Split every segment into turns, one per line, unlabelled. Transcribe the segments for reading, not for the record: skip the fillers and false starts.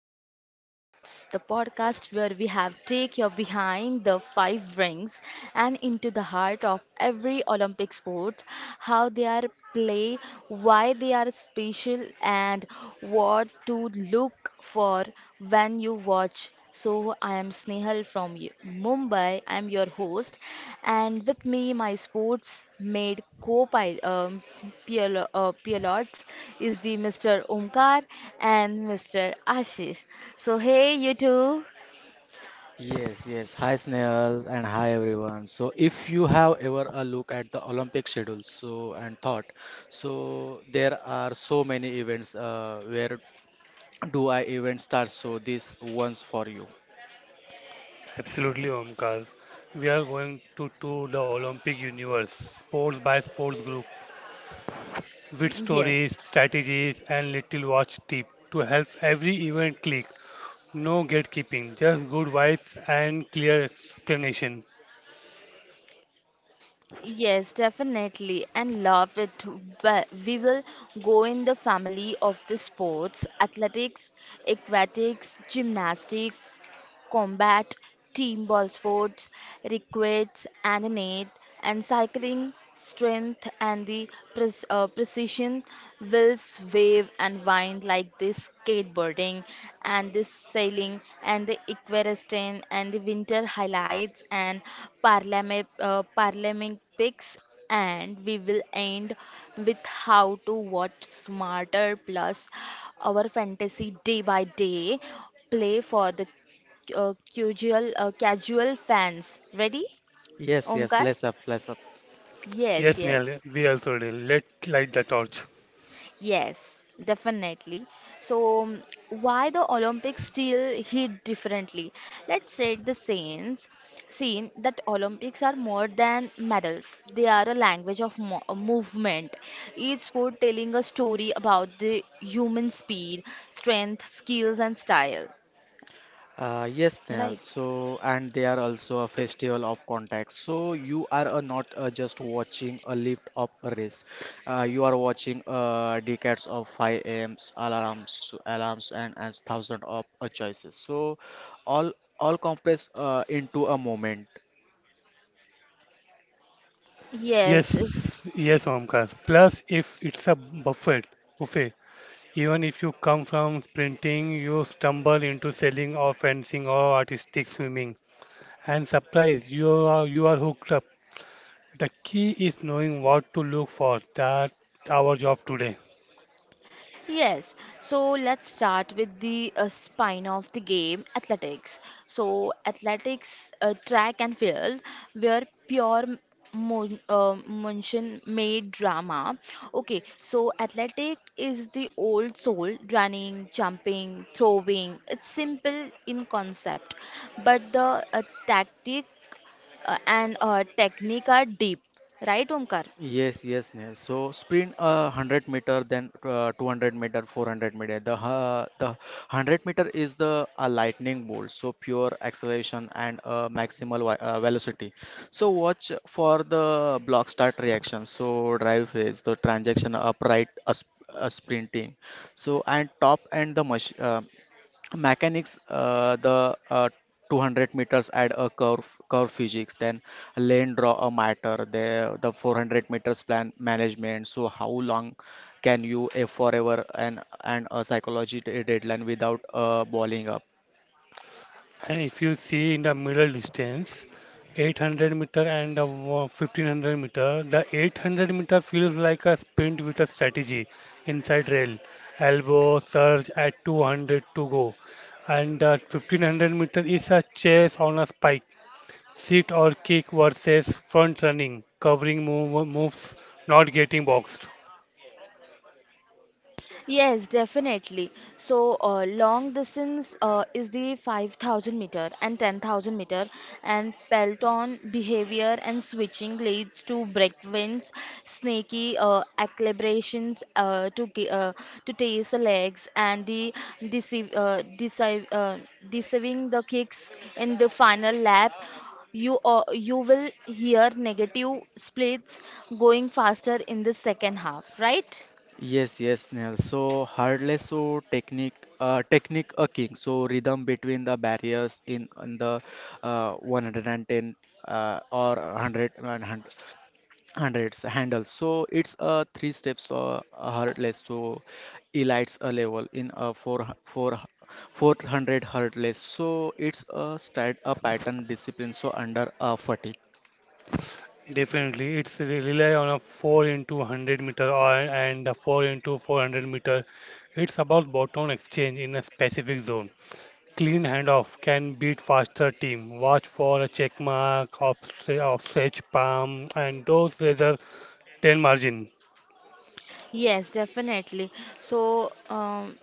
Ring of Sports, the podcast where we have take you behind the five rings and into the heart of every Olympic sport, how they are play, why they are special, and what to look for when you watch. So, I am Snehal from Mumbai. I am your host, and with me, my sports made co-pilot, PL pilots, is the Mr. Omkar and Mr. Ashish. So, hey, you two.
Yes, yes. Hi, Snehal, and hi, everyone. So, if you have ever a look at the Olympic schedule, so and thought, so there are so many events. Where do I even start? So, this one's for you.
Absolutely, Omkar. We are going to tour the Olympic universe, sports by sports group, with
Yes.
stories, strategies, and little watch tip to help every event click. No gatekeeping, just good vibes and clear explanation.
Yes, definitely, and love it. But we will go in the family of the sports: athletics, aquatics, gymnastics, combat, team ball sports, requests and net, and cycling, strength and the precision, wills wave and wind like this skateboarding and this sailing and the equestrian and the winter highlights and parliament paralympics, and we will end with how to watch smarter plus our fantasy day by day play for the casual fans. Ready,
Yes, yes.
Omkar?
Let's up, let's up.
Yes,
Yes,
yes,
Neil, we also did. Let light the torch.
yes, definitely. So, why the Olympics still hit differently? Let's set the scenes. Scene that Olympics are more than medals. They are a language of mo a movement. Each sport telling a story about the human speed, strength, skills, and style.
Yes, Snail.
Right?
So, and they are also a festival of contacts. So, you are not just watching a lift up a race. You are watching decades of 5 a.m.s alarms, and as thousands of choices. So, all all compress into a moment.
Yes.
Yes, yes, Omkar. Plus, if it's a buffet, even if you come from sprinting, you stumble into selling or fencing or artistic swimming. And surprise, you are hooked up. The key is knowing what to look for. That's our job today.
Yes, so let's start with the spine of the game, athletics. So, athletics, track and field, where pure motion made drama. Okay, so athletic is the old soul, running, jumping, throwing. It's simple in concept, but the tactic and technique are deep, right, Omkar?
Yes, yes, Neil. So sprint 100 meter, then 200 meter, 400 meter. The 100 meter is the a lightning bolt, so pure acceleration and maximal velocity. So watch for the block start reaction. So drive phase, the transaction upright, a sprinting. So and top and the machine mechanics the 200 meters add a curve physics, then lane draw a matter, the 400 meters plan management. So how long can you a forever, and a psychology deadline without balling up.
And if you see in the middle distance, 800 meter and the 1500 meter, the 800-meter feels like a sprint with a strategy. Inside rail, elbow surge at 200 to go, and the 1500 meter is a chase on a spike. Sit or kick versus front running, covering moves, not getting boxed.
Yes, definitely. So, long distance is the 5,000 meter and 10,000 meter, and peloton behavior and switching leads to breakdowns, snaky equilibrations to taste the legs and the deceive, uh, deceive, uh, deceiving the kicks in the final lap. You you will hear negative splits going faster in the second half, right?
Yes, yes, Neil. So hardly so technique, technique a king. So rhythm between the barriers, in the 110, or 100, hundreds handle, so it's a three steps heartless. So elites a level in a four hundred heartless, so it's a strat a pattern discipline, so under a fatigue.
Definitely, it's rely on a 4 into 100 meter or and a 4 into 400 meter. It's about bottom exchange in a specific zone. Clean handoff can beat faster team. Watch for a check mark, offset, palm, and those rather 10 margin.
Yes, definitely. So, um,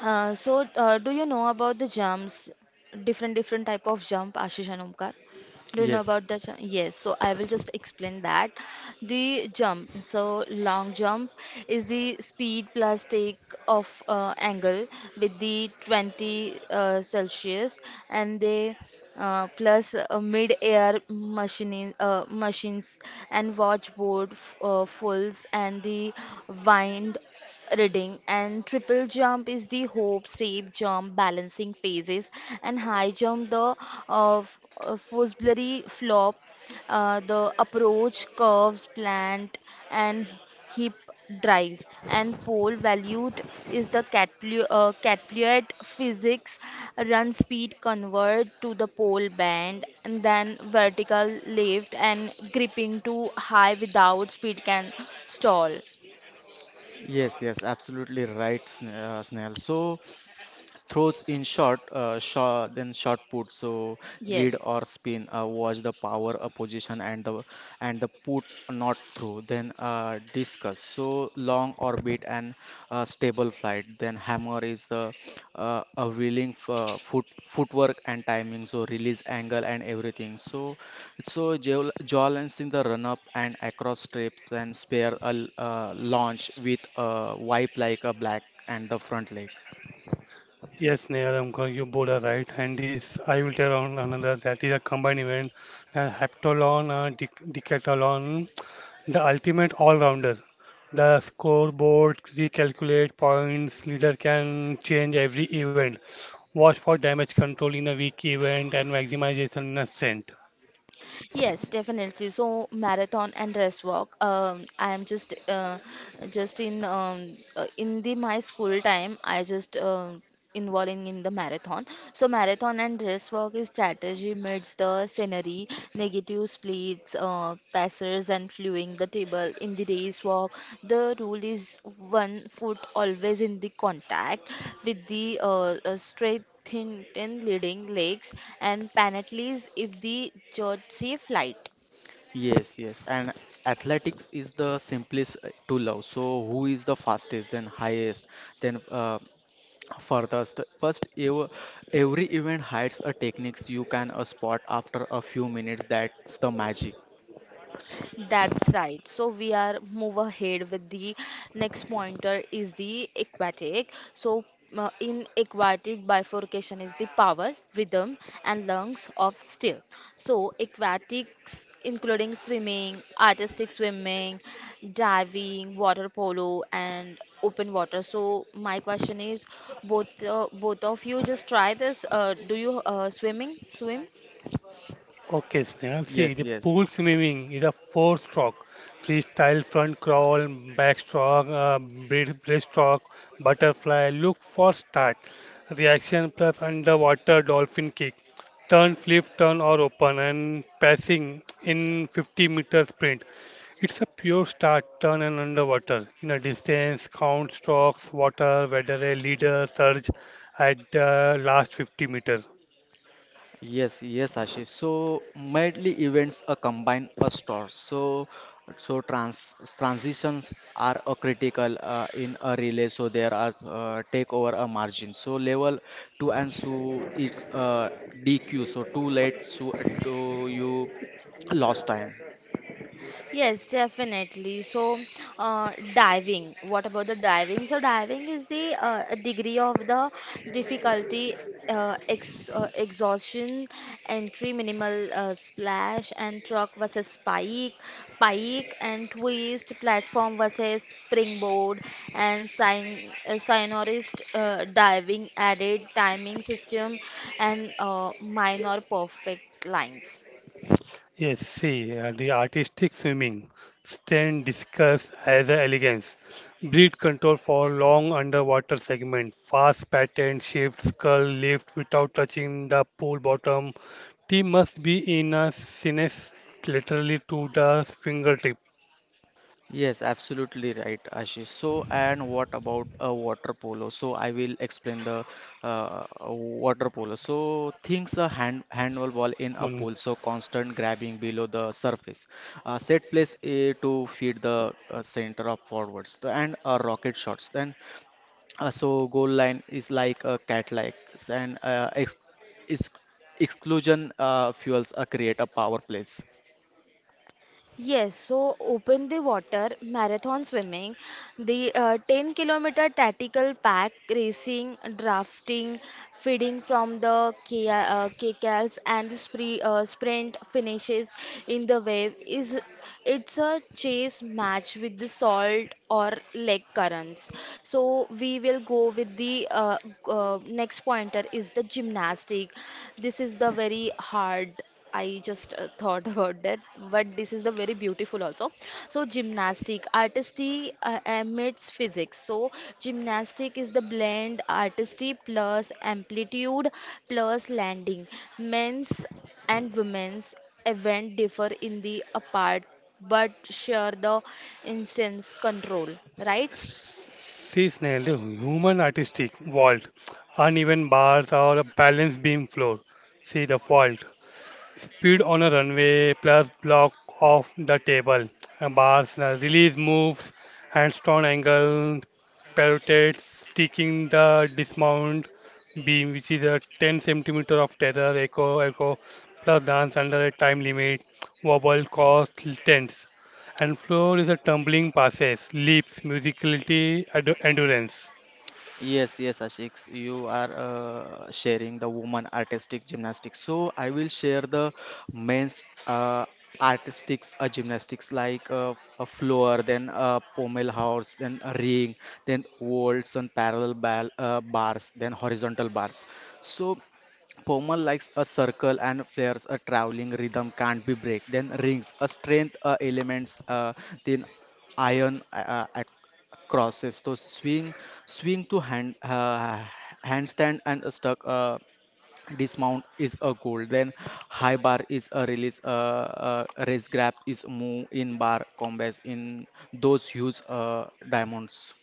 uh, so, uh, do you know about the jumps, different type of jump, Ashish and Omkar? Do you know
Yes,
about the jump? Yes, so I will just explain that. The jump, so long jump is the speed plus take off angle with the 20 Celsius and the plus mid-air machines and watchboard fulls and the wind reading, and triple jump is the hope, steep jump, balancing phases, and high jump the Fosbury flop, the approach curves, plant, and hip drive. And pole valued is the catpluet physics, run speed convert to the pole band, and then vertical lift and gripping to high without speed can stall.
yes, yes, absolutely right, Snehal. So throws in short, shot, then short put. So glide
Yes.
or spin. Watch the power position and the put not through. Then discus. So long orbit and stable flight. Then hammer is the a wheeling footwork and timing. So release angle and everything. So, so jaw lines in the run up and across strips, and spare a launch with a wipe like a black and the front leg.
Yes, Nehal Amkar, you both are right. And this, I will tell on another that is a combined event, a heptathlon, a decathlon, the ultimate all-rounder. The scoreboard recalculate points, leader can change every event, watch for damage control in a weak event and maximization in a strength.
Yes, definitely. So marathon and rest walk. I am just in the my school time. I just involving in the marathon. So marathon and rest walk is strategy meets the scenery, negative splits, passers and fluing the table in the race walk. The rule is one foot always in the contact with the straight thin leading legs and penalties if the Chelsea flight.
Yes, yes. And athletics is the simplest to love. So who is the fastest, then highest, then furthest. First, ev every event hides a techniques you can spot after a few minutes. That's the magic.
That's right. So we are move ahead with the next pointer is the aquatic. So, in aquatic bifurcation is the power, rhythm and lungs of steel. So aquatics including swimming, artistic swimming, diving, water polo and open water. So my question is both of you just try this do you swim?
Okay, Sneha. See, the
Yes,
pool
yes.
swimming is a four-stroke freestyle front crawl, backstroke, breaststroke, butterfly. Look for start reaction plus underwater dolphin kick, turn, flip, turn or open, and passing in 50-meter sprint. It's a pure start, turn and underwater. In a distance, count strokes, water, weather, leader, surge at the last 50 meter.
Yes, yes, Ashish. So medley events a combine a store. So, so transitions are a critical in a relay. So there are take over a margin. So level two, and so it's DQ. So too late. So to you lost time.
Yes, definitely. So, diving. What about the diving? So, diving is the degree of the difficulty, ex exhaustion, entry, minimal splash, and truck versus spike, pike and twist, platform versus springboard, and sign sonorist diving added timing system and minor perfect lines.
Yes, see, the artistic swimming stand discussed as a elegance, breath control for long underwater segment, fast pattern shifts, curl lift without touching the pool bottom. Team must be in a sinus laterally to the fingertip.
Yes, absolutely right, Ashish. So, and what about a water polo? So, I will explain the water polo. So, things a handball ball in a
On
pool. So, constant grabbing below the surface. Set place A to feed the center of forwards. So, and rocket shots. Then so goal line is like a cat like, and ex ex exclusion fuels create a power play.
Yes, so open the water, marathon swimming, the 10-kilometer tactical pack racing, drafting, feeding from the KCALs and the sprint finishes in the wave is it's a chase match with the salt or lake currents. So we will go with the next pointer is the gymnastic. This is the very hard. I just thought about that, but this is a very beautiful also. So gymnastic, artistry amidst physics. So gymnastic is the blend artistry plus amplitude plus landing. Men's and women's event differ in the apart but share the instance control, right?
sea snail, the human artistic vault, uneven bars or a balance beam floor. See the fault. Speed on a runway plus block off the table, bars, release moves, handstand angle, pirouettes, sticking the dismount beam, which is a 10 centimeter of tether, echo, plus dance under a time limit, wobble, cost, tense. And floor is a tumbling passes, leaps, musicality, endurance.
Yes, yes, Ashik, you are sharing the woman artistic gymnastics. So I will share the men's artistics gymnastics, like a floor, then a pommel horse, then a ring, then waltz and parallel bal bars, then horizontal bars. So pommel likes a circle, and flares a traveling rhythm can't be break. Then rings a strength elements. Then iron crosses, so swing to handstand, and a stuck dismount is a goal. Then high bar is a release, raise grab is move in bar combats in those huge diamonds.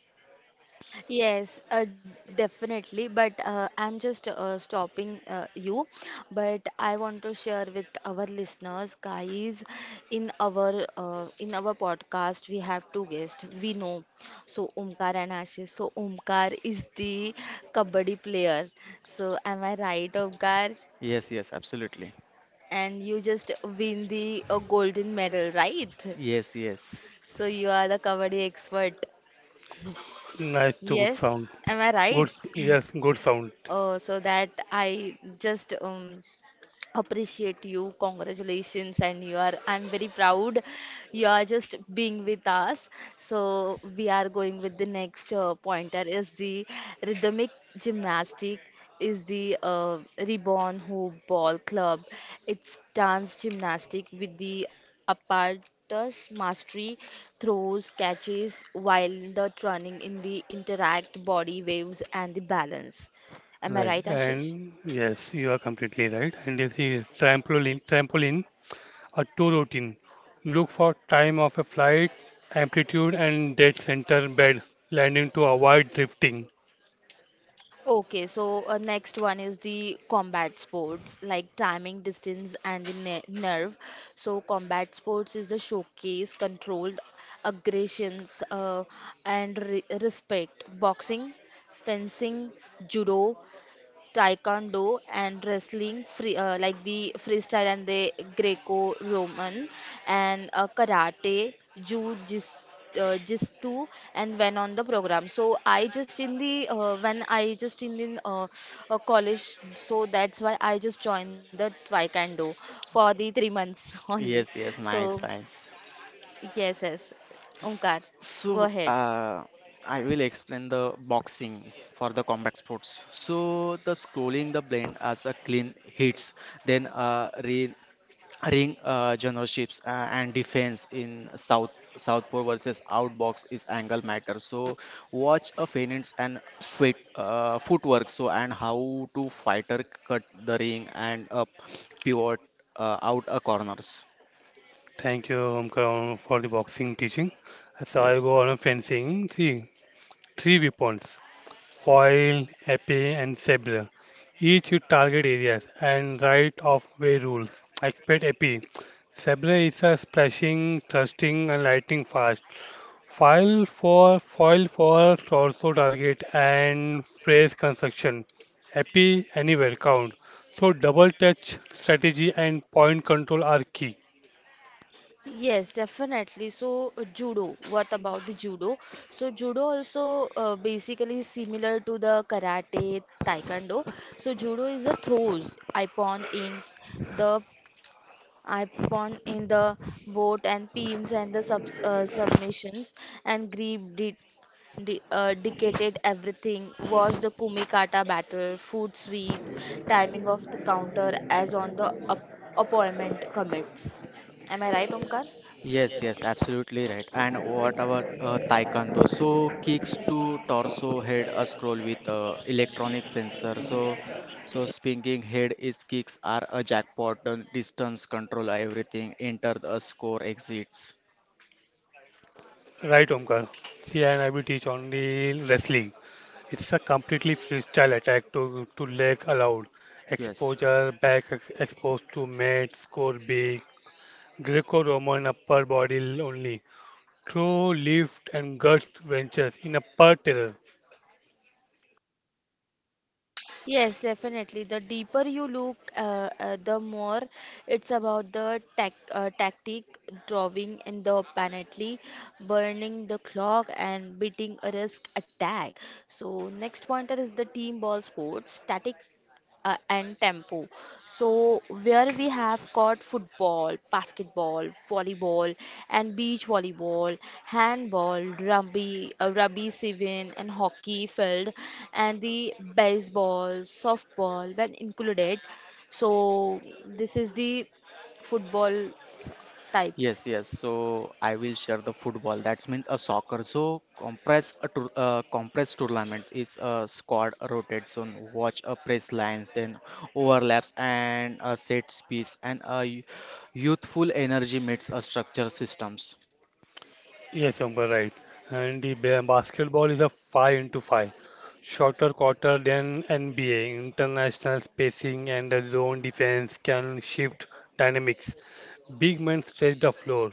Yes, definitely. But I'm just stopping you. But I want to share with our listeners, guys, in our podcast, we have two guests. We know, so Omkar and Ashish. So Omkar is the kabaddi player. So am I right, Omkar?
Yes, yes, absolutely.
And you just win the golden medal, right?
Yes, yes.
So you are the kabaddi expert.
Nice to
Yes,
sound.
am I
Good,
right?
yes, good sound.
So that I just appreciate you, congratulations, and you are, I'm very proud you are just being with us. So we are going with the next pointer is the rhythmic gymnastic, is the reborn hoop ball club. It's dance gymnastic with the apparatus mastery, throws, catches while the turning in the interact body waves and the balance. Am I
Right,
right, Ashish?
and yes, you are completely right. And you see, trampoline, a tour routine. Look for time of a flight, amplitude, and dead center bed landing to avoid drifting.
Okay, so next one is the combat sports, like timing, distance, and the ne nerve. So combat sports is the showcase controlled aggressions and re respect. Boxing, fencing, judo, taekwondo and wrestling free like the freestyle and the Greco-Roman, and karate, jiu-jitsu jiu-jitsu, and when on the program. So I just in the when I just in the college, so that's why I just joined the taekwondo for the 3 months only,
Yes, yes,
so
nice, nice.
yes, yes,
S-
Omkar, go
So,
ahead.
uh, I will explain the boxing for the combat sports. So, the scrolling the blend as a clean hits, then ring, generalships and defense in Southpaw versus outbox is angle matter. So, watch a feints and fit footwork. So, and how to fighter cut the ring and up pivot out a corners.
Thank you, Omkar, for the boxing teaching. So I'll
Yes.
go on a fencing. See, three weapons: foil, epee, and sabre. Each with target areas and right of way rules. Expect epee. Sabre is a splashing, thrusting, and lightning fast. File for foil forks also target and phrase construction, happy anywhere count. So double touch strategy and point control are key.
Yes, definitely. So, judo, what about the judo? So, judo also basically is similar to the karate, taekwondo. So, judo is the throws, ippon ends, the ippon in the boat and pins and the submissions and grip de de dictated everything. Watch the kumikata battle, foot sweeps, timing of the counter as on the op opponent commits. Am I right, Omkar?
Yes, yes, absolutely right. And what about taekwondo? So kicks to torso, head, a scroll with electronic sensor. So, so spinning head is kicks are a jackpot, distance control, everything. Enter the score, exits.
Right, Omkar. See, and I will teach only wrestling. It's a completely freestyle attack to leg allowed.
Yes.
Exposure, back exposed to mat, score big. Greco-Roman upper body only. Throw lift and gut wrenches in upper terror.
Yes, definitely. The deeper you look, the more it's about the tactic, drawing in the penalty, burning the clock, and beating a risk attack. So next pointer is the team ball sports. Static and tempo. So, where we have got football, basketball, volleyball, and beach volleyball, handball, rugby, sevens, and hockey field, and the baseball, softball, when included. So, this is the football s- types.
Yes, yes. So I will share the football. That means a soccer. So compress a tour, compressed tournament is a squad rotates on watch a press lines, then overlaps and a set piece, and a youthful energy meets a structure systems.
Yes, Amber, right. And the basketball is a 5 into 5, shorter quarter than NBA. International spacing and the zone defense can shift dynamics. Big men stretch the floor.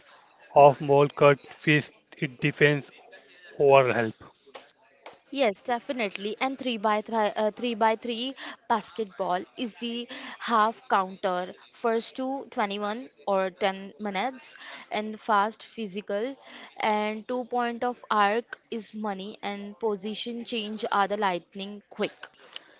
Off ball cut fist, it defense over help.
Yes, definitely. And 3 by 3 basketball is the half counter. First to 21 or 10 minutes and fast physical and 2 point of arc is money and position change are the lightning quick.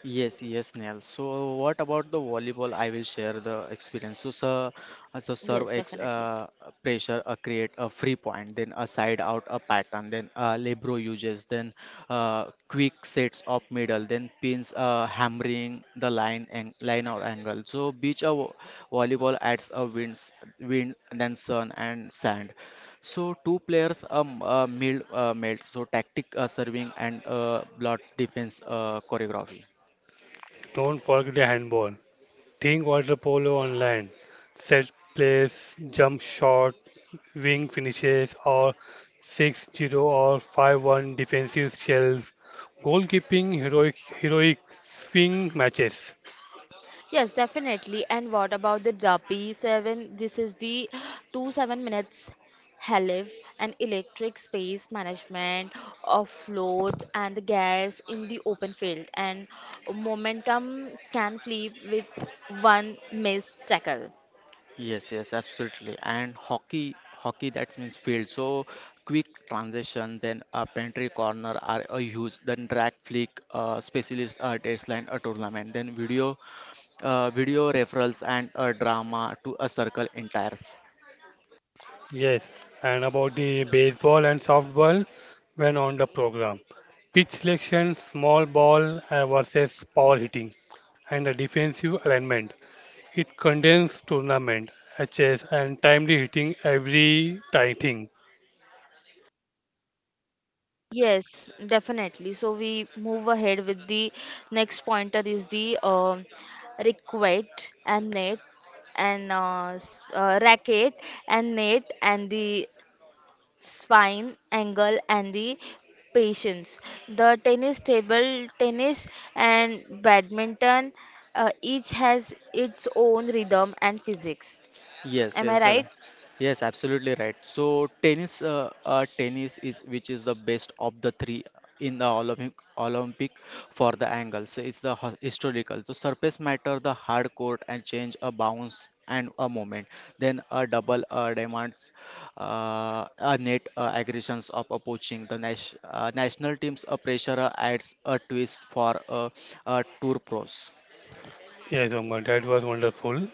Yes, yes, Neil. So, what about the volleyball? I will share the experience. So, sir, so serve
Yes, definitely.
pressure, create a free point, then a side out, a pattern, then libero uses, then quick sets of middle, then pins, hammering the line and line or angle. So, beach a volleyball adds a wind, then sun and sand. So two players meld, so tactic serving and block defense choreography.
Don't forget the handball. Playing water polo on land, set plays, jump shot, wing finishes, or 6-0 or 5-1 defensive shells, goalkeeping heroic swing matches.
Yes, definitely. And what about the Drapi 7? This is the 2 7 minutes HELIF and electric space management of float and the gas in the open field. And momentum can flip with one missed tackle.
Yes, yes, absolutely. And hockey, that means field. So quick transition, then a pantry corner are a huge, then drag flick, specialist line a tournament, then video referrals and a drama to a circle entires.
Yes, and about the baseball and softball when on the program. Pitch selection, small ball versus power hitting, and the defensive alignment. It contains tournament, HS, and timely hitting every time.
Yes, definitely. So we move ahead with the next pointer is the requite and net and racket and net and the spine, angle, and the patience. The tennis table tennis and badminton each has its own rhythm and physics.
Yes,
Am I
yes,
right?
Alan. Yes, absolutely right. So tennis, tennis is which is the best of the three in the Olympic for the angles. It's the historical. The surface matter, the hard court, and change a bounce and a moment. Then a double demands a net aggressions of approaching the national teams. A pressure adds a twist for tour pros.
Yes, Omar, that was wonderful.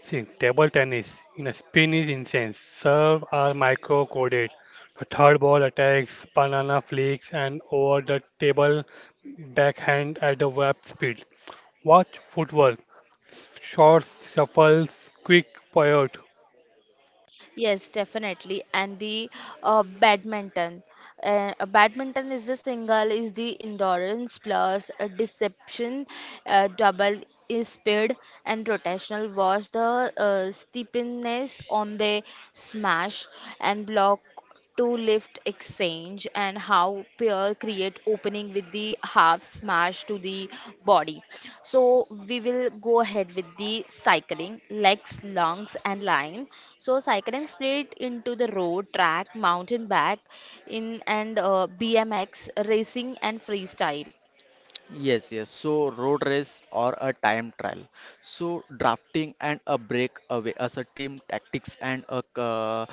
See, table tennis in a Spanish instance, serve are micro-coded. The third ball attacks banana flicks and over the table backhand at the web speed. Watch footwork, short shuffles, quick pivot.
Yes, definitely. And the badminton. Badminton is the single, is the endurance plus deception, double is speed and rotational was the steepness on the smash and block to lift exchange and how pair create opening with the half smash to the body, so we will go ahead with the cycling legs lungs and line. So cycling split into the road track mountain bike in and bmx racing and freestyle.
Yes, yes. So road race or a time trial. So drafting and a breakaway as a team tactics, and a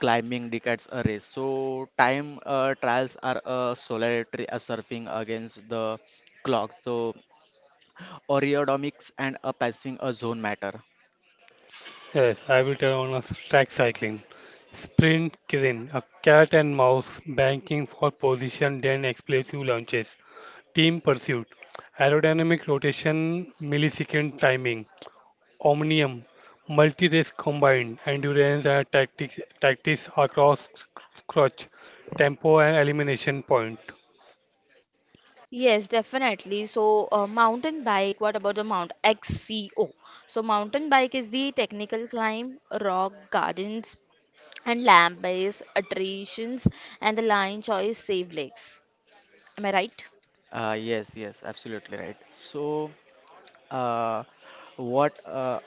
climbing decades a race. So time trials are a solitary a surfing against the clock. So aerodynamics and a passing a zone matter.
Yes, I will tell on a track cycling. Sprint killing, a cat and mouse banking for position, then explosive launches. Team Pursuit, Aerodynamic Rotation, Millisecond Timing, Omnium, Multi-Race Combined, Endurance and Tactics, Tactics Across Crutch, Tempo and Elimination Point.
Yes, definitely. So, mountain bike, what about the Mount XCO? So, mountain bike is the technical climb, rock gardens, and land-based attractions and the line choice save legs. Am I right?
Yes, yes, absolutely right. So. Uh, what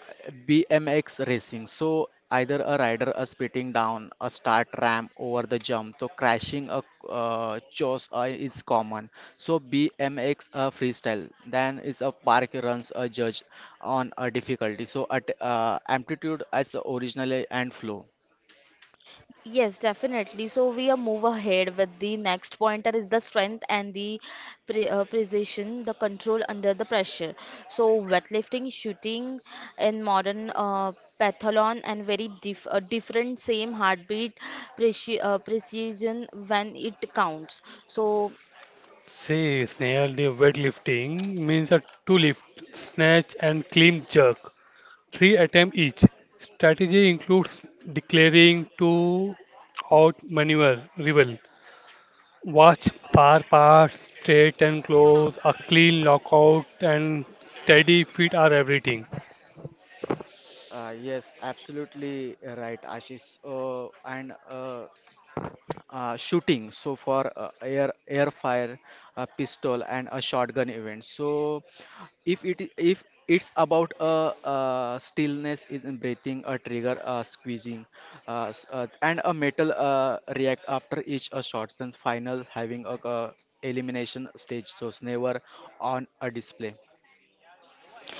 BMX racing. So either a rider a spitting down a start ramp over the jump, so crashing a chose is common. So BMX freestyle, then is a park runs a judge on a difficulty. So at amplitude as originally and flow.
Yes, definitely. So we are move ahead with the next pointer is the strength and the precision, the control under the pressure. So weightlifting, shooting, and modern pathlon and very different same heartbeat precision when it counts. So,
Say, snail dive weightlifting means a 2 lift, snatch and clean jerk, 3 attempt each. Strategy includes declaring to outmaneuver rival. Watch bar parts, straight and close, a clean lockout, and steady feet are everything.
Yes, absolutely right, Ashish. And shooting, so for air fire a pistol and a shotgun event. So if if it's about a, stillness is in breathing a trigger a squeezing, and a metal react after each a shot, since final having a, elimination stage, so it's never on a display.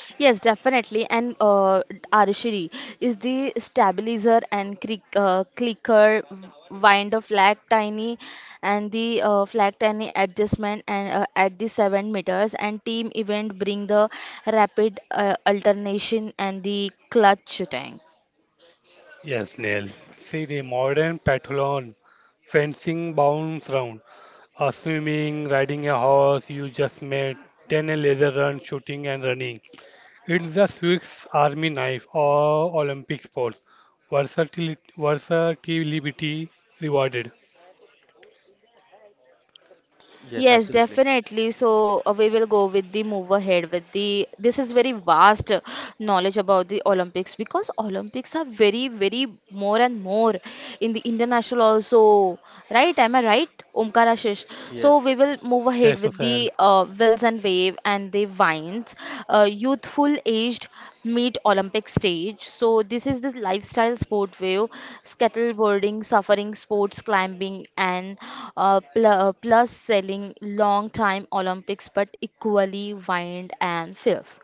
yes, definitely. And Arishiri is the stabilizer and clicker wind of flag tiny and the flag tiny adjustment and at the 7 meters and team event bring the rapid alternation and the clutch tank.
Yes, Neil. See the modern pathlon, fencing bounce round, a swimming, riding a horse, you just made, then a laser run, shooting and running. It's the Swiss Army knife or Olympic sports. Versatility rewarded.
Yes,
Yes,
absolutely.
definitely. So we will go with the move ahead with the. This is very vast knowledge about the Olympics because Olympics are very, very more and more in the international also, right? Am I right, Omkar Ashish? So
Yes.
we will move ahead
Yes,
with
Susanne.
the wills and wave and the vines, youthful aged meet Olympic stage. So this is the lifestyle sport wave, skateboarding, suffering sports, climbing, and plus selling long time Olympics, but equally wind and filth.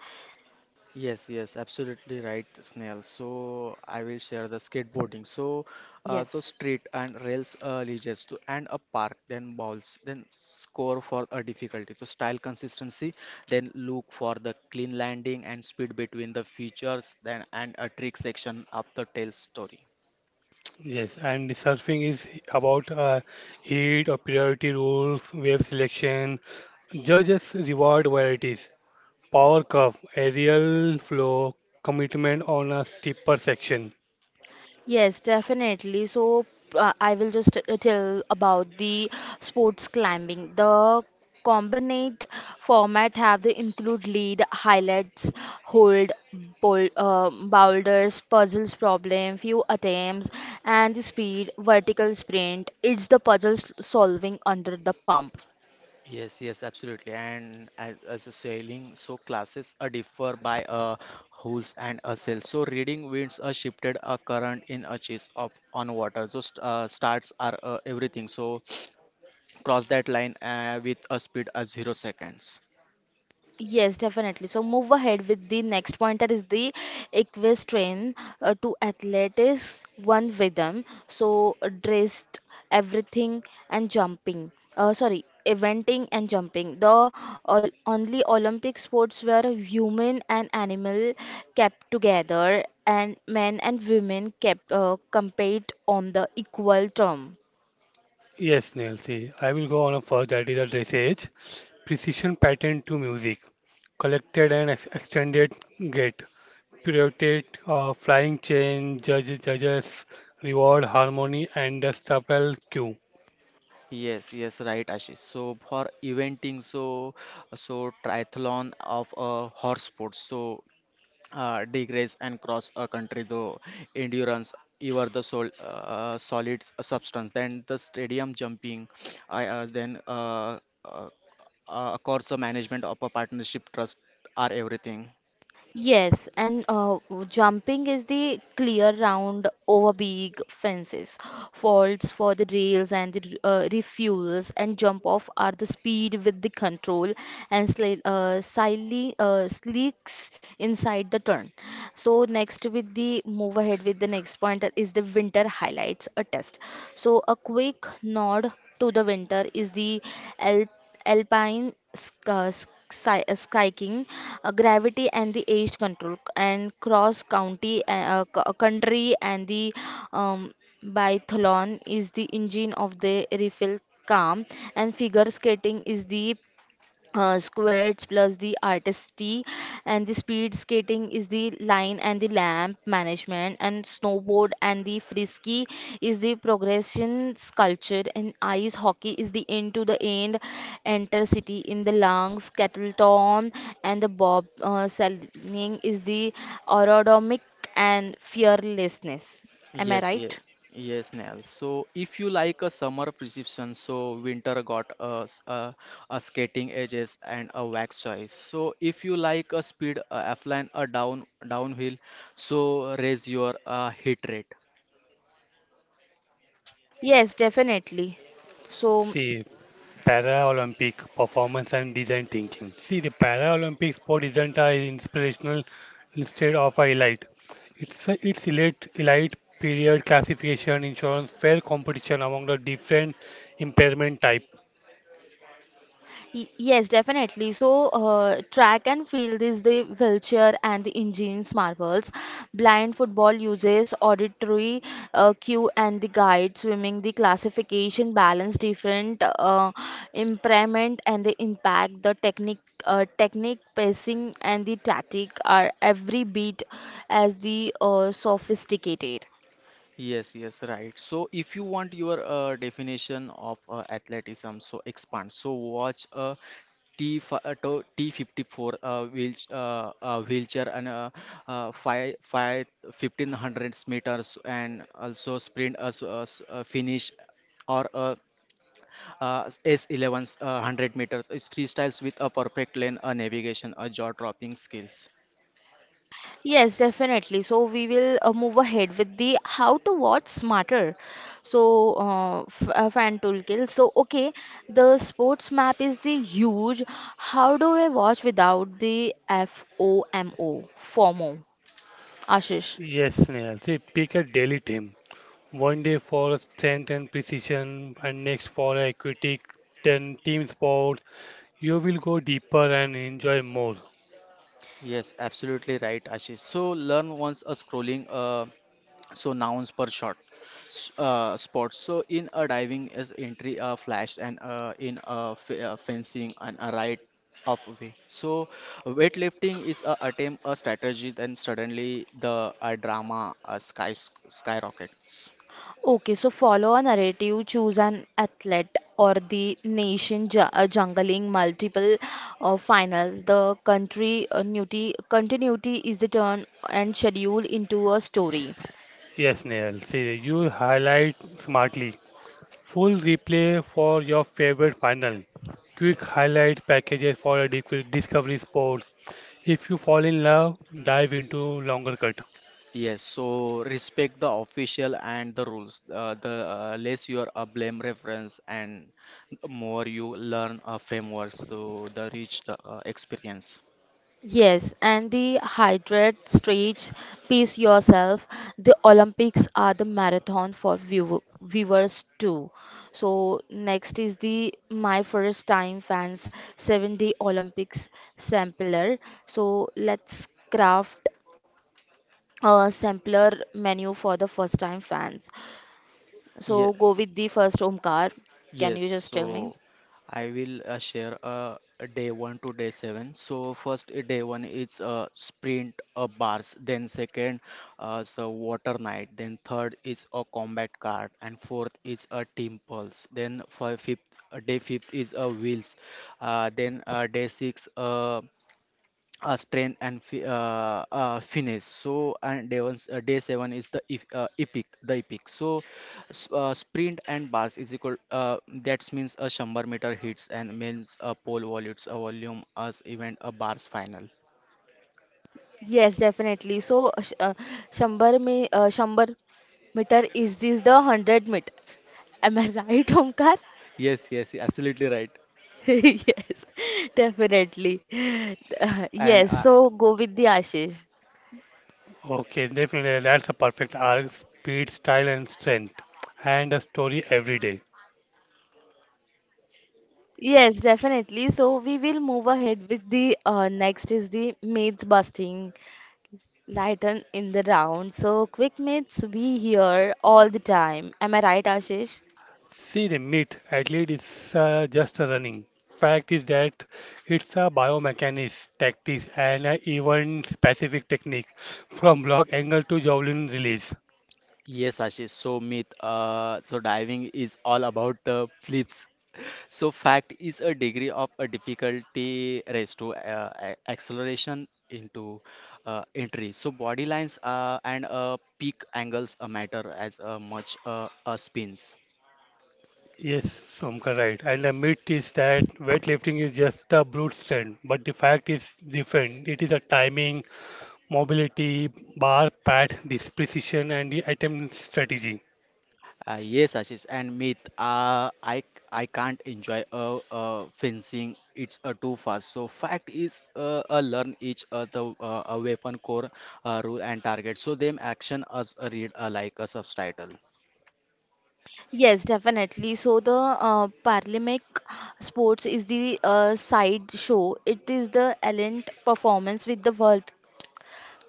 Yes, yes, absolutely right, Snail. So I will share the skateboarding. So, so
Yes.
street and rails leads to and a park, then balls, then score for a difficulty. So style consistency, then look for the clean landing and speed between the features, then and a trick section of the tale story.
Yes, and surfing is about heat or priority rules, wave selection, judges reward varieties, power curve, aerial flow, commitment on a steeper section.
Yes, definitely. So I will just tell about the sports climbing. The combined format have the include lead, highlights, hold, bol boulders, puzzles problem, few attempts, and the speed, vertical sprint. It's the solving under the pump.
Yes, yes, absolutely. And as a sailing, so classes are differ by a holes and a sail. So reading winds are shifted a current in a chase of on water. So st starts are everything. So cross that line with a speed of 0 seconds.
Yes, definitely. So move ahead with the next pointer is the equestrian to athletics, one rhythm. So dressed, everything and jumping. Sorry, eventing and jumping. The only Olympic sports where human and animal kept together and men and women kept compete on the equal term.
Yes, Nancy, I will go on a first that is a dressage, precision pattern to music, collected and ex extended gate, pirouetted flying chain, judges, reward harmony and the staple cue.
Yes, yes, right, Ashish. So for eventing, so, so triathlon of horse sports. So degrees and cross a country, though endurance you are the solid substance, then the stadium jumping, then uh, of course the management of a partnership trust are everything.
Yes, and jumping is the clear round over big fences. Faults for the rails and the refuels and jump off are the speed with the control and slightly slicks inside the turn. So next with the move ahead with the next point is the winter highlights a test. So a quick nod to the winter is the alpine sk- uh, skiing, gravity and the age control, and cross county country and the um, biathlon is the engine of the refill calm, and figure skating is the squares plus the artistry and the speed skating is the line and the lamp management and snowboard and the frisky is the progression sculpture and ice hockey is the end to the end enter city in the lungs kettle tom and the bob sailing is the aerodynamic and fearlessness. Am I
Yes, yes.
right?
Yes, Nell. So if you like a summer prescription, so winter got a, a skating edges and a wax choice. So if you like a speed, a offline, a downhill, so raise your hit rate.
Yes, definitely. So
See, Paralympic performance and design thinking. See, the Paralympic sport isn't a inspirational instead of a elite. It's elite period classification insurance fair competition among the different impairment type.
Yes, definitely. So, track and field is the wheelchair and the engines marvels. Blind football uses auditory cue and the guide. Swimming, the classification balance different impairment and the impact. The technique, pacing, and the tactic are every bit as the sophisticated.
Yes, yes, right. So if you want your definition of athleticism, so expand. So watch a T54 wheelchair, and 1500 meters, and also sprint as finish, or S11 100 meters is freestyles with a perfect lane, a navigation, a jaw dropping skills.
Yes, definitely. So we will move ahead with the how to watch smarter. So f fan toolkit. So okay, the sports map is the huge. How do I watch without the FOMO? FOMO, Ashish.
Yes, Snehal. See, pick a daily team. One day for strength and precision, and next for equity, then team sport. You will go deeper and enjoy more.
Yes, absolutely right, Ashish. So learn once a scrolling. So nouns per shot sports. So in a diving is entry a flash, and in a fencing and a right of way. So weightlifting is a attempt a strategy, then suddenly the a drama a skyrockets.
Okay, so follow a narrative, choose an athlete or the nation ju jungling multiple finals. The country newty, continuity is the turn and schedule into a story.
Yes, Snehal. See, you highlight smartly. Full replay for your favorite final. Quick highlight packages for a Discovery Sports. If you fall in love, dive into longer cut.
Yes, so respect the official and the rules. The less you are a blame reference and more you learn a framework, so the reach the experience.
Yes, and the hydrate, stretch, pace yourself. The Olympics are the marathon for viewers too. So next is the my first time fans 7-Day Day Olympics sampler. So let's craft a sampler menu for the first time fans. So go with the first Omkar. Can
Yes,
you just tell me?
so I will share a day 1 to day 7. So first day 1 is sprint bars, then second so water night, then third is a combat card, and fourth is a team pulse. Then fifth day fifth is a wheels, then day 6. Spain and Finnish. So day seven is the if, epic, the epic. So sprint and bars is equal. That means a 100-meter hits and means a pole volutes a volume as event a bars final.
Yes, definitely. So, Shambar meter is this the 100 meter? Am I right, Omkar?
Yes, yes, absolutely right.
Yes, definitely.
And
Yes, so go with the Ashish.
Okay, definitely that's a perfect arc, speed, style, and strength, and a story every day.
Yes, definitely. So we will move ahead with the next is the myth busting lighten in the round. So quick myths we hear all the time. Am I right, Ashish?
See the myth, at least it's just a running. Fact is that it's a biomechanics tactics and an event specific technique from block angle to javelin release.
yes, Ashish. So myth, so diving is all about flips. So fact is a degree of a difficulty raised to acceleration into entry. So body lines and peak angles matter as much spins.
Yes, Somka, right. And the myth is that weightlifting is just a brute strength, but the fact is different. It is a timing, mobility, bar, pad, precision, and the item strategy.
Yes, Ashish, and Meet, I can't enjoy fencing. It's too fast. So fact is, learn each the weapon core rule and target. So them action as a read like a subtitle.
Yes, definitely. So the Paralympic sports is the side show. It is the elite performance with the world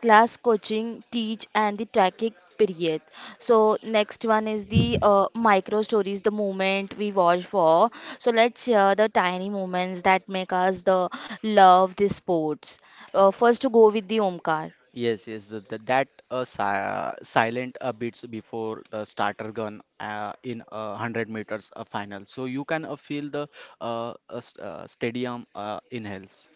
class coaching, teach, and the tracking period. So next one is the micro stories, the moment we watch for. So let's share the tiny moments that make us the love the sports. First to go with the Omkar.
Yes, yes, that si silent beats before the starter gun in 100 meters final. So you can feel the uh, stadium inhales.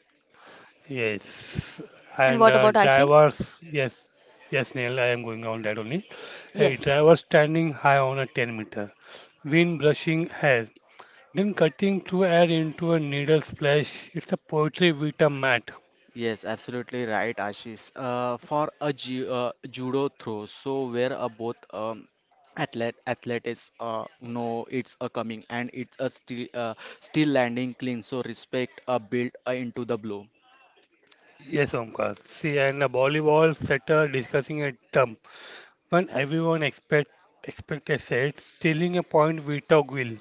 Yes,
And
and
what about Ashi?
drivers. Yes, yes, Neil, I am going on that only. Hey,
Yes.
driver standing high on a 10-meter, wind brushing hair, then cutting through air into a needle splash. It's a poetry with a mat.
Yes, absolutely right, Ashish. For a ju judo throw, so where a both athletes know it's a coming, and it's a still landing clean, so respect built into the blow.
Yes, Omkar. See, and a volleyball setter discussing a dump. When everyone expect a set, stealing a point without will.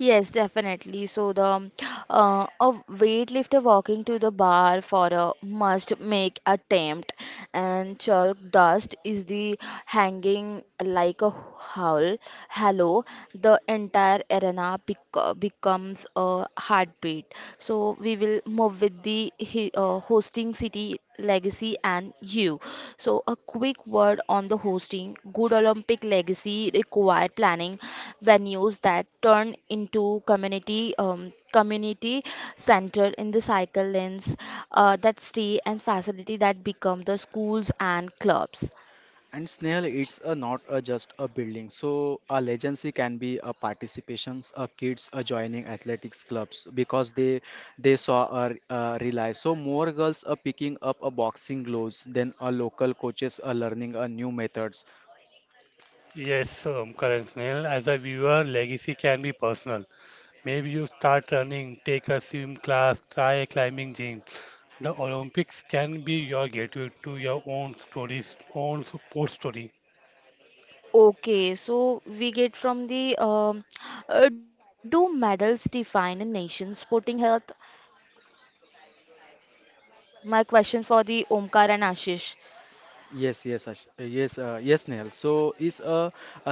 Yes, definitely. So the a weightlifter walking to the bar for a must make attempt, and chalk dust is the hanging like a howl. Hello, the entire arena becomes a heartbeat. So we will move with the hosting city legacy and you, so a quick word on the hosting good Olympic legacy required planning venues that turn into community center in the cycle lanes that stay and facility that become the schools and clubs.
And Snail, it's a not a just a building. So a legacy can be a participations, a kids are joining athletics clubs because they saw a, rely. So more girls are picking up a boxing gloves than a local coaches are learning a new methods.
Yes, Omkar and Snail. As a viewer, legacy can be personal. Maybe you start running, take a swim class, try a climbing gym. The Olympics can be your gateway to your own stories, own sports story.
Okay, so we get from the do medals define a nation's sporting health? My question for the Omkar and Ashish.
Yes, yes, yes, Nehal. So, is a,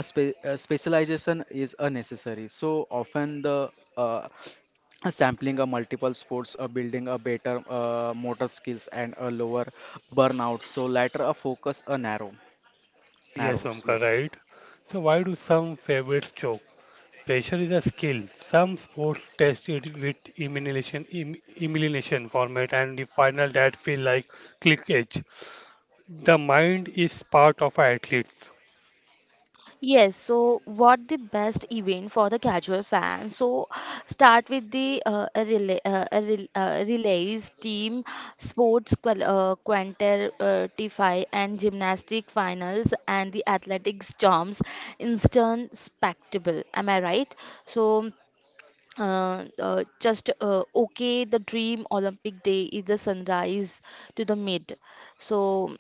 specialization is a necessary. So often the uh, sampling a multiple sports, a building a better motor skills and a lower burnout. So latter a focus a
Yes,
narrows.
Omkar,
Yes.
right. So why do some favorites choke? Pressure is a skill. Some sports test it with elimination format and the final that feel like click edge. The mind is part of athletes.
Yes, so what the best event for the casual fan? So start with the a relay, a rel- relays, team sports quantify and gymnastic finals and the athletics jumps instant spectacle. Am I right? So just okay, the dream Olympic day is the sunrise to the mid. So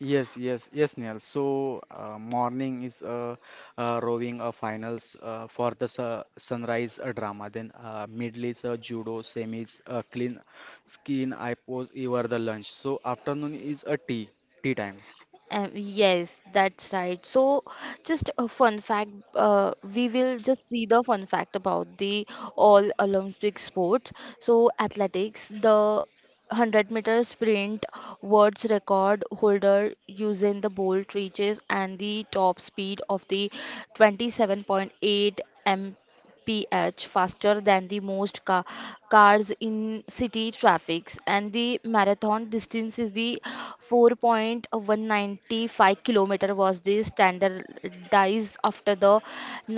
Yes, yes, yes, Nehal. So, morning is rowing a finals for the su sunrise drama. Then middle is judo, semis, clean skin, I pose, you are the lunch. So afternoon is a tea time.
uh, yes, that's right. So, just a fun fact, we will just see the fun fact about the all Olympic sports. So, athletics, the 100-meter sprint world's record holder Usain the Bolt reaches and the top speed of the 27.8 ph faster than the most cars in city traffics and the marathon distance is the 4.195 kilometer was the standardized after the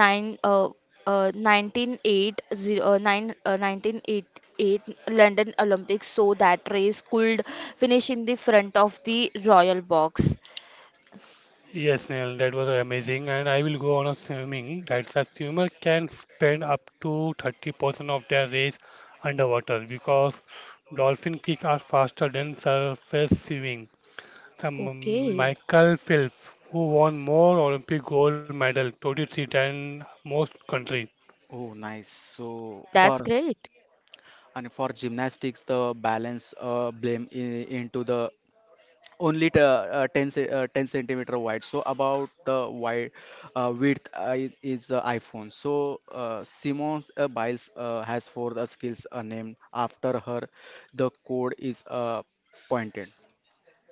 9 uh, uh, 1980 uh, 9 uh, 1988 London Olympics so that race could finish in the front of the royal box.
Yes, Neil, that was amazing. And I will go on a swimming. That's a swimmer can spend up to 30% of their race underwater because dolphin kicks are faster than surface swimming. The
Okay,
Michael Phelps, who won more Olympic gold medal 23 than most countries.
Oh, nice. So
that's great.
for gymnastics, the balance blame I into the 10 10 centimeter wide, so about the wide width is the iPhone. So Simons Biles has for the skills named after her the code is pointed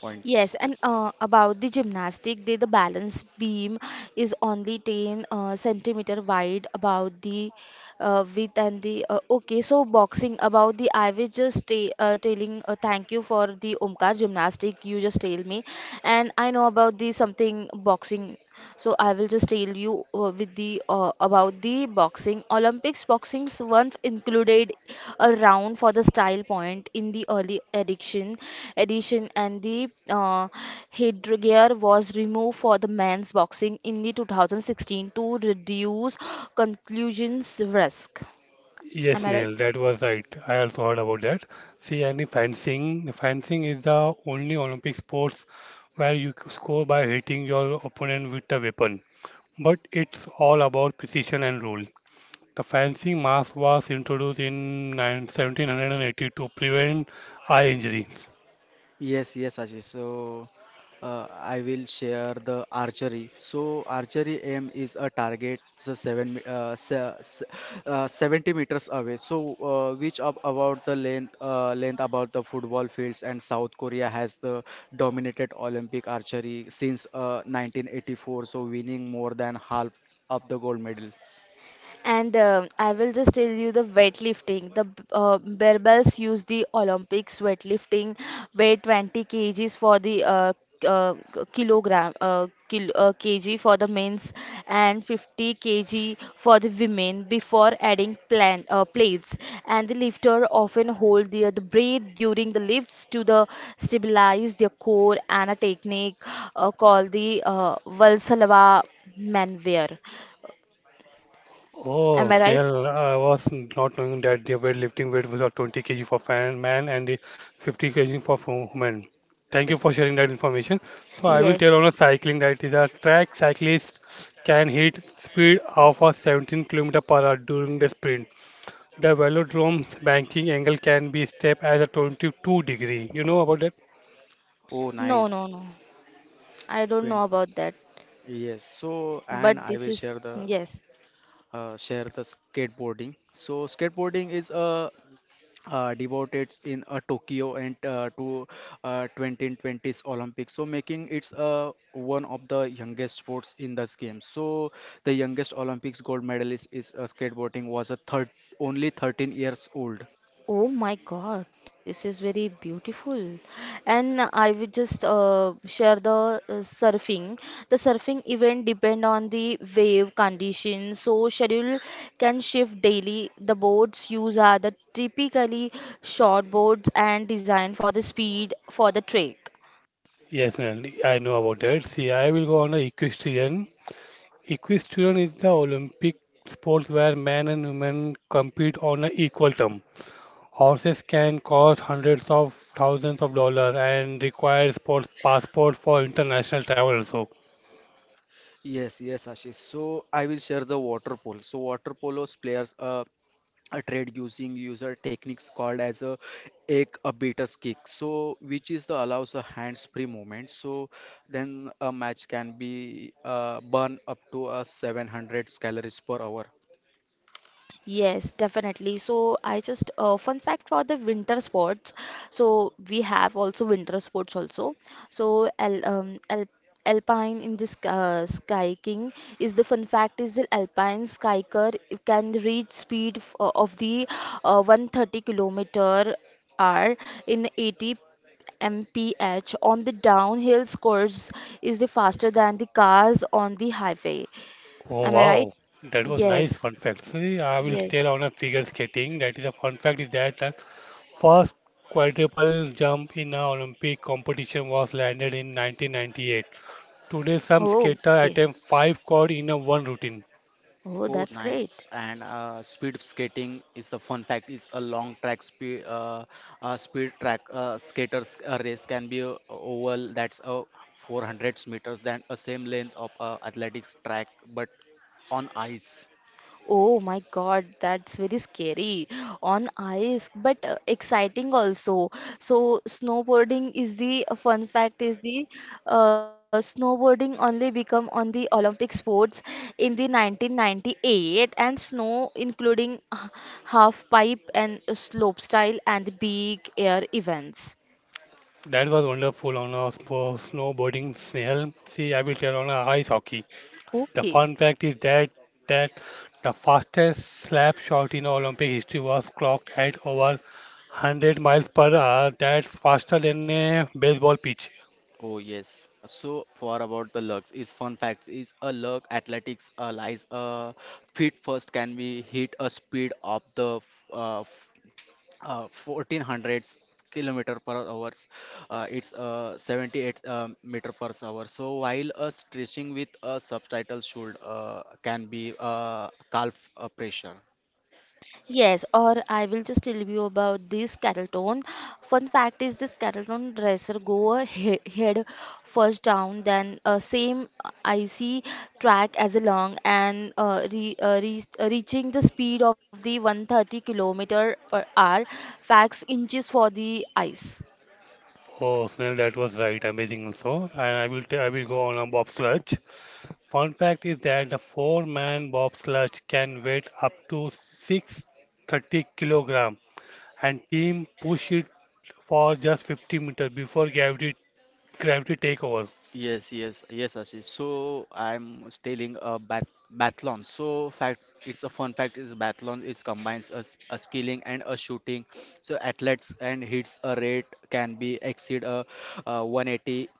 points,
Yes, and
yes.
about the gymnastic, the balance beam is only 10 centimeter wide about the width and the okay. So boxing about the I was just telling thank you for the Omkar gymnastic you just tell me, and I know about the something boxing. So I will just tell you with the about the boxing Olympics Boxings once included a round for the style point in the edition and the headgear was removed for the men's boxing in the 2016 to reduce conclusions risk.
Yes,
Am I right?
Neil, that was right. I also heard about that. See, any fencing, the fencing is the only Olympic sports where you score by hitting your opponent with a weapon. But it's all about precision and rule. The fencing mask was introduced in 9 1782 to prevent eye injuries.
Yes, yes, Ashish. So, I will share the archery. So, archery aim is a target so seven me- se se- 70 meters away. So, which ab about the length about the football fields, and South Korea has the dominated Olympic archery since 1984. So, winning more than half of the gold medals.
And um, I will just tell you the weightlifting. The barbells use the Olympics weightlifting, weigh 20 kgs for the k- k- kilogram kil kg for the men's and 50 kg for the women before adding plan plates. And the lifter often hold their the breath during the lifts to the stabilize their core and a technique called the Valsalva maneuver. Am
Oh,
I right?
well, I was not knowing that the weightlifting weight was of 20 kg for fan, man and the 50 kg for woman. Thank you
Yes,
for sharing that information. So I
yes.
will tell
Yes.
on a cycling that is a track cyclist can hit speed of a 17 km per hour during the sprint. The velodrome's banking angle can be steep as a 22 degree. You know about that?
Oh,
No,
nice.
no, no. I don't
Win.
know about that.
Yes. So, and
But
I
this
will
is, yes.
share the skateboarding. So skateboarding is a devoted in Tokyo and to 2020s Olympics. So making it's one of the youngest sports in this game. So the youngest Olympics gold medalist is skateboarding was a third only 13 years old.
Oh my God, this is very beautiful. And I will just share the surfing. The surfing event depend on the wave condition, so schedule can shift daily. The boats used are the typically short boards and designed for the speed for the trek.
Yes, Nalini, I know about that. See, I will go on a equestrian. Equestrian is the Olympic sport where men and women compete on an equal term. Horses can cost hundreds of thousands of dollars and require sports passport for international travel also.
Yes, yes, Ashish. So I will share the water polo. So water polo's players a trade using user techniques called as a ek a beater's kick so which is the allows a hands free movement, so then a match can be burn up to a 700 calories per hour.
Yes, definitely. So I just fun fact for the winter sports. So we have also winter sports also. So al al alpine in this skiing is the fun fact is the alpine skier can reach speed f of the 130-kilometer hour in 80 mph on the downhill course is the faster than the cars on the highway.
Oh
Am I right?
wow, that was nice
Yes.
fun fact. See, I will
Yes.
tell on a figure skating. That is a fun fact is that the first quadruple jump in a Olympic competition was landed in 1998. Today, some
Oh,
skater
okay.
attempt five quad in a one routine.
Oh,
Oh,
that's great.
nice, and speed skating is the fun fact is a long track speed speed track skaters race can be a oval that's a 400 meters than a same length of athletics track, but on ice.
Oh my God, that's very scary on ice, but exciting also. So snowboarding is the a fun fact is the snowboarding only become on the Olympic sports in the 1998 and snow including half pipe and slope style and big air events.
That was wonderful on a snowboarding, Snail. See, I will tell on a ice hockey. The
Okay.
fun fact is that the fastest slap shot in Olympic history was clocked at over 100 miles per hour. That's faster than a baseball pitch.
Oh, yes. So for about the lugs is fun facts is a lug athletics lies feet first can be hit a speed of the uh, f- 1400s kilometer per hours, it's 78 meter per hour, so while a stretching with a subtitle should can be calf pressure.
Yes, or I will just tell you about this Carrollton. Fun fact is this Carrollton dresser go a head first down, then same icy track as along and reaching the speed of the 130 kilometer per hour, facts inches for the ice.
Oh, Snail, that was right. Amazing also. And I will go on a bobsledge. Fun fact is that the four-man bobsledge can weigh up to 630 kilogram, and team push it for just 50 meter before gravity take over.
Yes, yes, yes, Ashish. So I'm was telling a bathlon. So fact, it's a fun fact is bathlon is combines a, a skilling and a shooting. So athletes and hits a rate can be exceed a, 180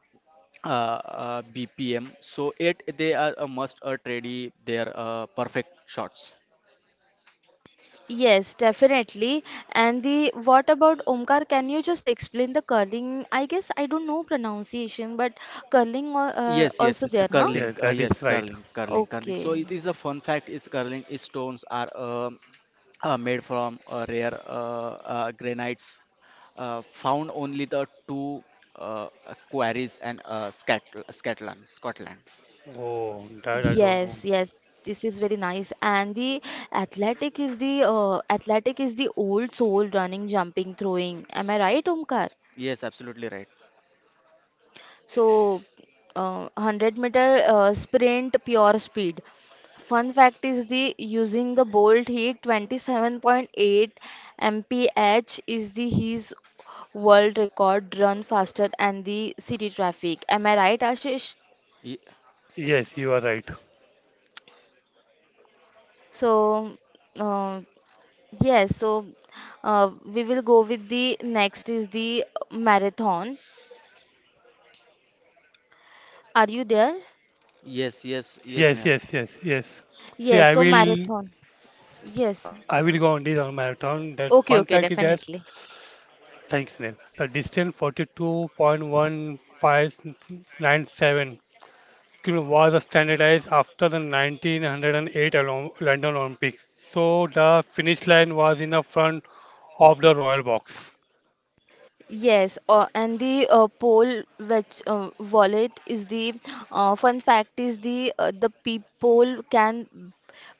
BPM. So it they are a must a ready their perfect shots.
Yes, definitely. And the what about Omkar? Can you just explain the curling? I guess I don't know pronunciation, but curling
Yes, yes,
also
it's a
there, no?
curling.
Yes, that is
Yes,
right.
curling, curling, curling. So
Okay.
it is a fun fact is curling is stones are made from rare granites found only the two quarries and Scotland.
Oh,
Yes,
that I
yes.
don't know.
This is very nice. And the athletic is the old soul running, jumping, throwing. Am I right, Omkar?
Yes, absolutely right.
So, 100 meter sprint, pure speed. Fun fact is the using the Bolt heat 27.8 mph is the his world record run faster and the city traffic. Am I right, Ashish?
Ye-
Yes, you are right.
So, uh, yes, so we will go with the next is the marathon. Are you there?
yes, yes, yes,
Yes,
Neha.
yes, yes, yes. See,
Yes, so marathon. Yes.
I will go on this on marathon. That fun
Okay,
fact
okay,
is that
definitely.
thanks, Neil. The distance 42.1597 was standardized after the 1908 London Olympics. So the finish line was in the front of the royal box.
Yes, and the poll which wallet is the fun fact is the people can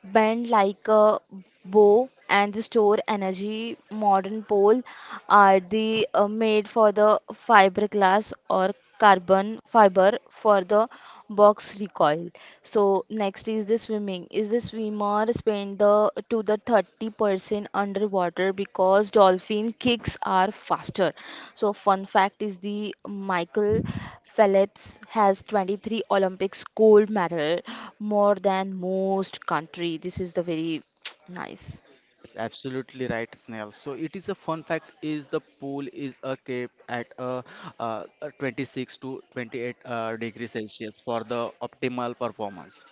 bend like a bow and the store energy. Modern pole are the made for the fiberglass or carbon fiber for the box recoil. So next is the swimming. Is the swimmer spend the to the 30% underwater because dolphin kicks are faster. So fun fact is the Michael Phelps has 23 Olympics gold medal more than most country. This is the very nice.
Yes, absolutely right, Snail. So it is a fun fact is the pool is kept at 26 to 28 degrees Celsius for the optimal performance.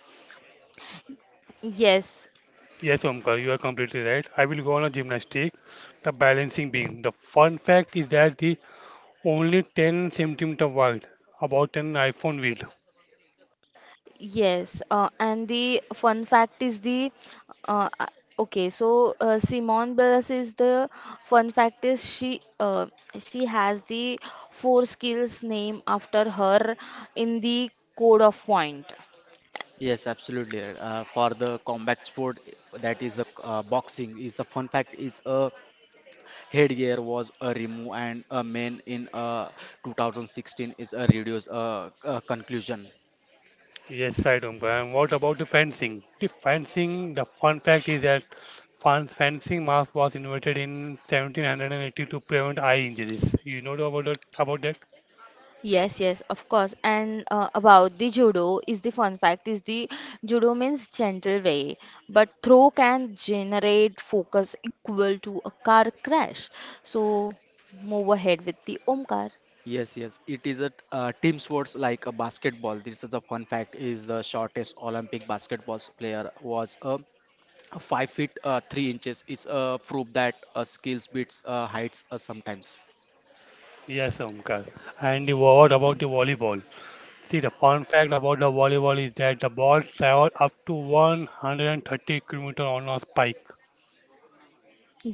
Yes.
Yes, Omkar, you are completely right. I will go on a gymnastic, the balancing beam. The fun fact is that the only 10 centimeter wide, about an iPhone wheel.
Yes, and the fun fact is the uh, uh, okay. So Simone Biles is the fun fact is she has the four skills name after her in the code of point.
Yes, absolutely right. For the combat sport, that is a boxing is a fun fact is a headgear was a remove and a main in 2016 is a reduce conclusion.
Yes, right, Omkar. And what about the fencing? The fencing, the fun fact is that fan fencing mask was invented in 1780 to prevent eye injuries. You know about that? About that?
Yes, yes, of course. And about the judo is the fun fact is the judo means gentle way, but throw can generate focus equal to a car crash. So move ahead with the Omkar.
Yes, yes. It is a team sports like a basketball. This is a fun fact. Is the shortest Olympic basketball player was a 5 feet 3 inches. It's a proof that skills beats heights sometimes.
Yes, Omkar. What about the volleyball? See, the fun fact about the volleyball is that the ball travel up to 130 km on a spike.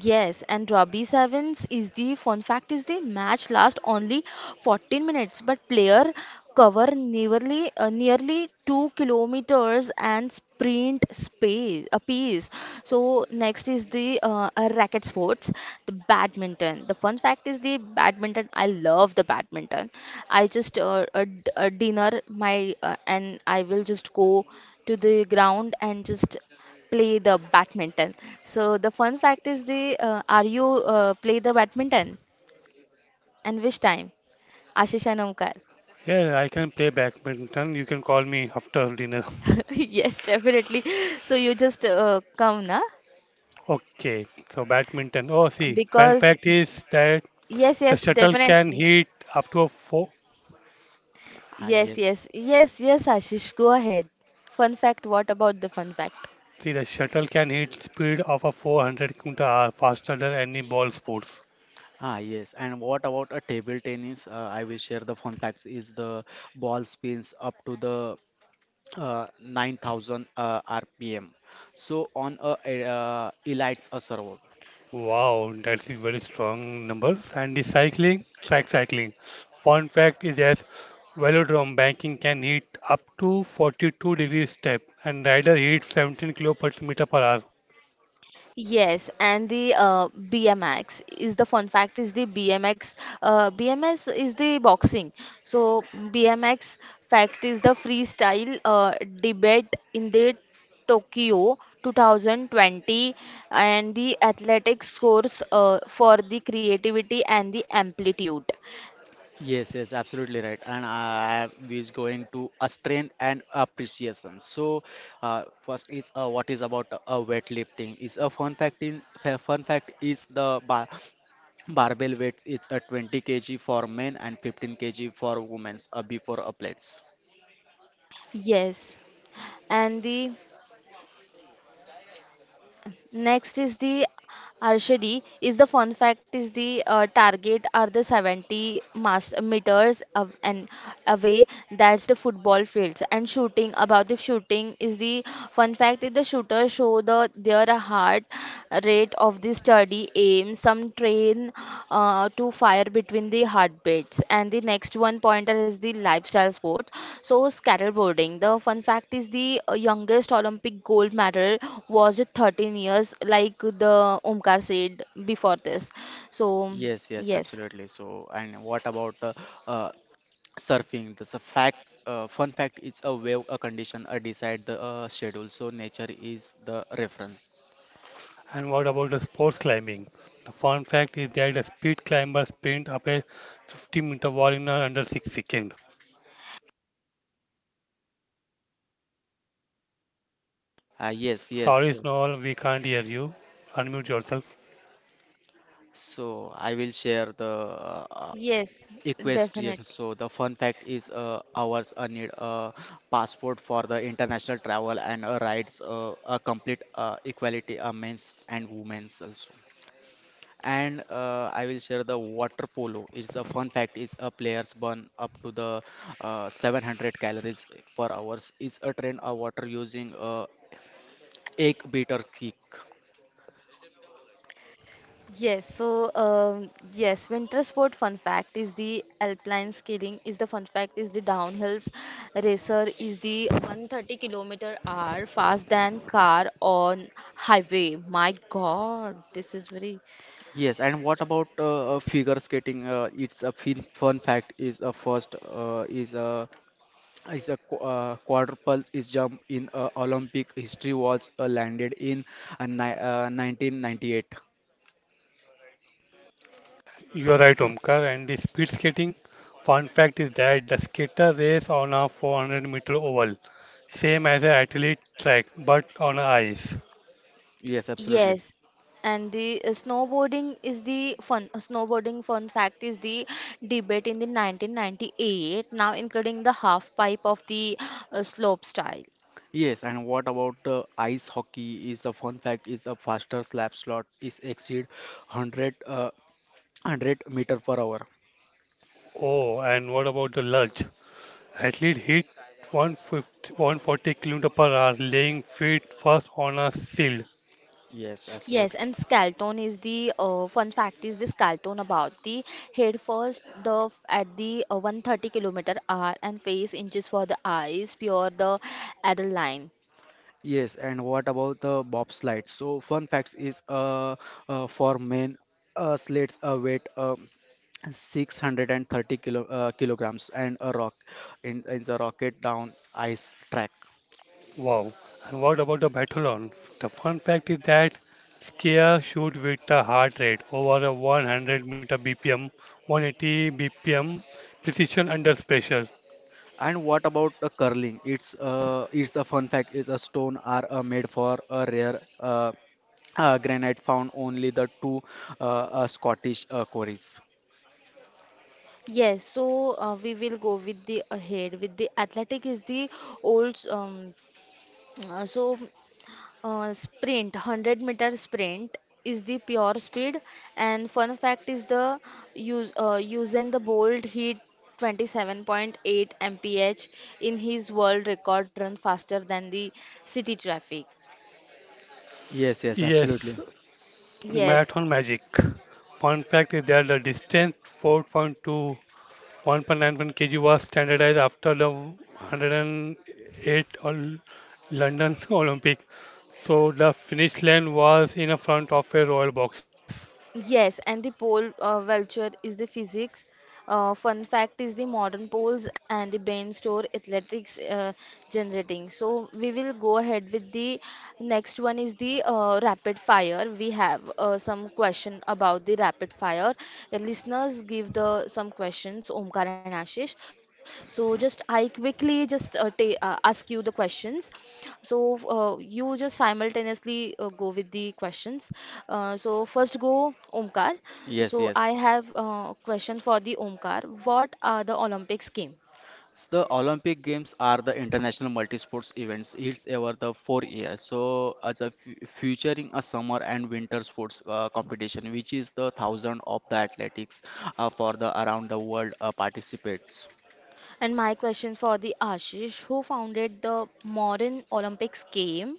Yes, and Robbie Sevens is the fun fact is the match last only 14 minutes, but player cover nearly 2 kilometers and sprint space a piece. So next is the racket sports, the badminton. The fun fact is the badminton. I love the badminton. I just dinner my and I will just go to the ground and just play the badminton. So the fun fact is the are you play the badminton and which time? Ashish and Omkar.
Yeah, I can play badminton. You can call me after dinner.
Yes, definitely. So you just come na
Okay, so badminton. Oh, see, fun
because
fact is that
yes,
the
yes,
shuttle can
definitely.
hit up to a four.
Ah,
Yes,
yes.
yes, yes, yes, Ashish. Go ahead. Fun fact. What about the fun fact?
See, the shuttle can hit speed of a 400 km/h faster than any ball sports.
Ah, yes. And what about a table tennis? I will share the fun facts. Is the ball spins up to the 9,000 RPM. So on a elites a server.
Wow, that's a very strong numbers. And the cycling, track cycling. Fun fact is that velodrome banking can heat up to 42 degrees step and rider heat 17 kilo per meter per hour.
Yes, and the BMX is the fun fact is the BMX BMS is the boxing. So BMX fact is the freestyle debate in the Tokyo 2020 and the athletic scores for the creativity and the amplitude.
Yes, yes, absolutely right. And I is going to a strain and appreciation. So, first is what is about weightlifting? Is a fun fact in fun fact is the barbell weights is a 20 kg for men and 15 kg for women before a plates.
Yes, and the next is the archery. Is the fun fact is the target are the 70 meters of, and away. That's the football fields. And shooting, about the shooting is the fun fact is the shooter show the their heart rate of this study aim some train to fire between the heartbeats. And the next one pointer is the lifestyle sport, so skateboarding. The fun fact is the youngest olympic gold medal was 13 years, like the Omkar said before this. So
Yes, yes,
yes,
absolutely. So, and what about uh, surfing? That's a fact. Fun fact is a wave a condition decide the schedule. So nature is the reference.
And what about the sports climbing? The fun fact is that the speed climber sprint up a 50-meter wall in under 6 seconds.
Yes, yes.
Sorry, Snowball, we can't hear you. Unmute yourself.
So I will share the uh,
yes,
equestrian.
definitely.
So the fun fact is ours need a passport for the international travel, and rights a complete equality men's and women's also. And I will share the water polo. It's a fun fact is a players burn up to the 700 calories per hours. Is a train a water using a egg beater kick.
Yes, so yes, winter sport fun fact is the alpine skiing is the fun fact is the downhills racer is the 130-kilometer hour fast than car on highway. My God, this is very
Yes, and what about figure skating? It's a fin fun fact is a first is a quadruple is jump in Olympic history was landed in ni 1998.
You are right, Omkar. And the speed skating, fun fact is that the skater race on a 400-meter oval, same as an athlete track, but on ice.
Yes, absolutely.
yes. And the snowboarding fun fact is the debate in the 1998, now including the half pipe of the slope style.
Yes, and what about ice hockey? Is the fun fact is a faster slap slot is exceed 100 100 meter per hour.
Oh, and what about the luge? Athlete hit 150, 140 km per hour, laying feet first on a shield.
Yes,
Yes,
absolutely.
and Scalton is the fun fact is the Scalton about the head first at the 130-kilometer hour and face inches for the eyes pure the line.
Yes, and what about the bobsled? So, fun facts is for men, slates weight 630 kilograms and a rock in the rocket down ice track.
Wow. And what about the battlon? The fun fact is that skier shoot with a heart rate over a 100 meter BPM, 180 BPM, precision under pressure.
And what about the curling? It's a fun fact. Is a stone are made for a rare granite found only the two uh, Scottish quarries.
Yes, so we will go with the ahead with the athletic is the old uh, so sprint, 100-meter sprint is the pure speed. And fun fact is the use Usain the Bolt hit 27.8 mph in his world record run faster than the city traffic.
Yes, yes,
Yes,
absolutely.
Yes,
marathon magic. Fun fact is that the distance 4.2 1.91 kg was standardized after the 108 London Olympic. So the finish line was in a front of a royal box.
yes, and the pole vulture is the physics. Fun fact is the modern poles and the brain store athletics generating. So we will go ahead with the next one is the rapid fire. We have some question about the rapid fire. Listeners give the some questions, Omkar and Ashish. So just I quickly just ask you the questions. So you just simultaneously go with the questions. So first go Omkar.
Yes,
So
yes.
I have question for the Omkar. What are the Olympics game?
The Olympic Games are the international multi-sports events. It's over the 4 years. So, as a featuring a summer and winter sports competition, which is the thousand of the athletics for the around the world participates.
And my question for the Ashish, who founded the modern Olympics game?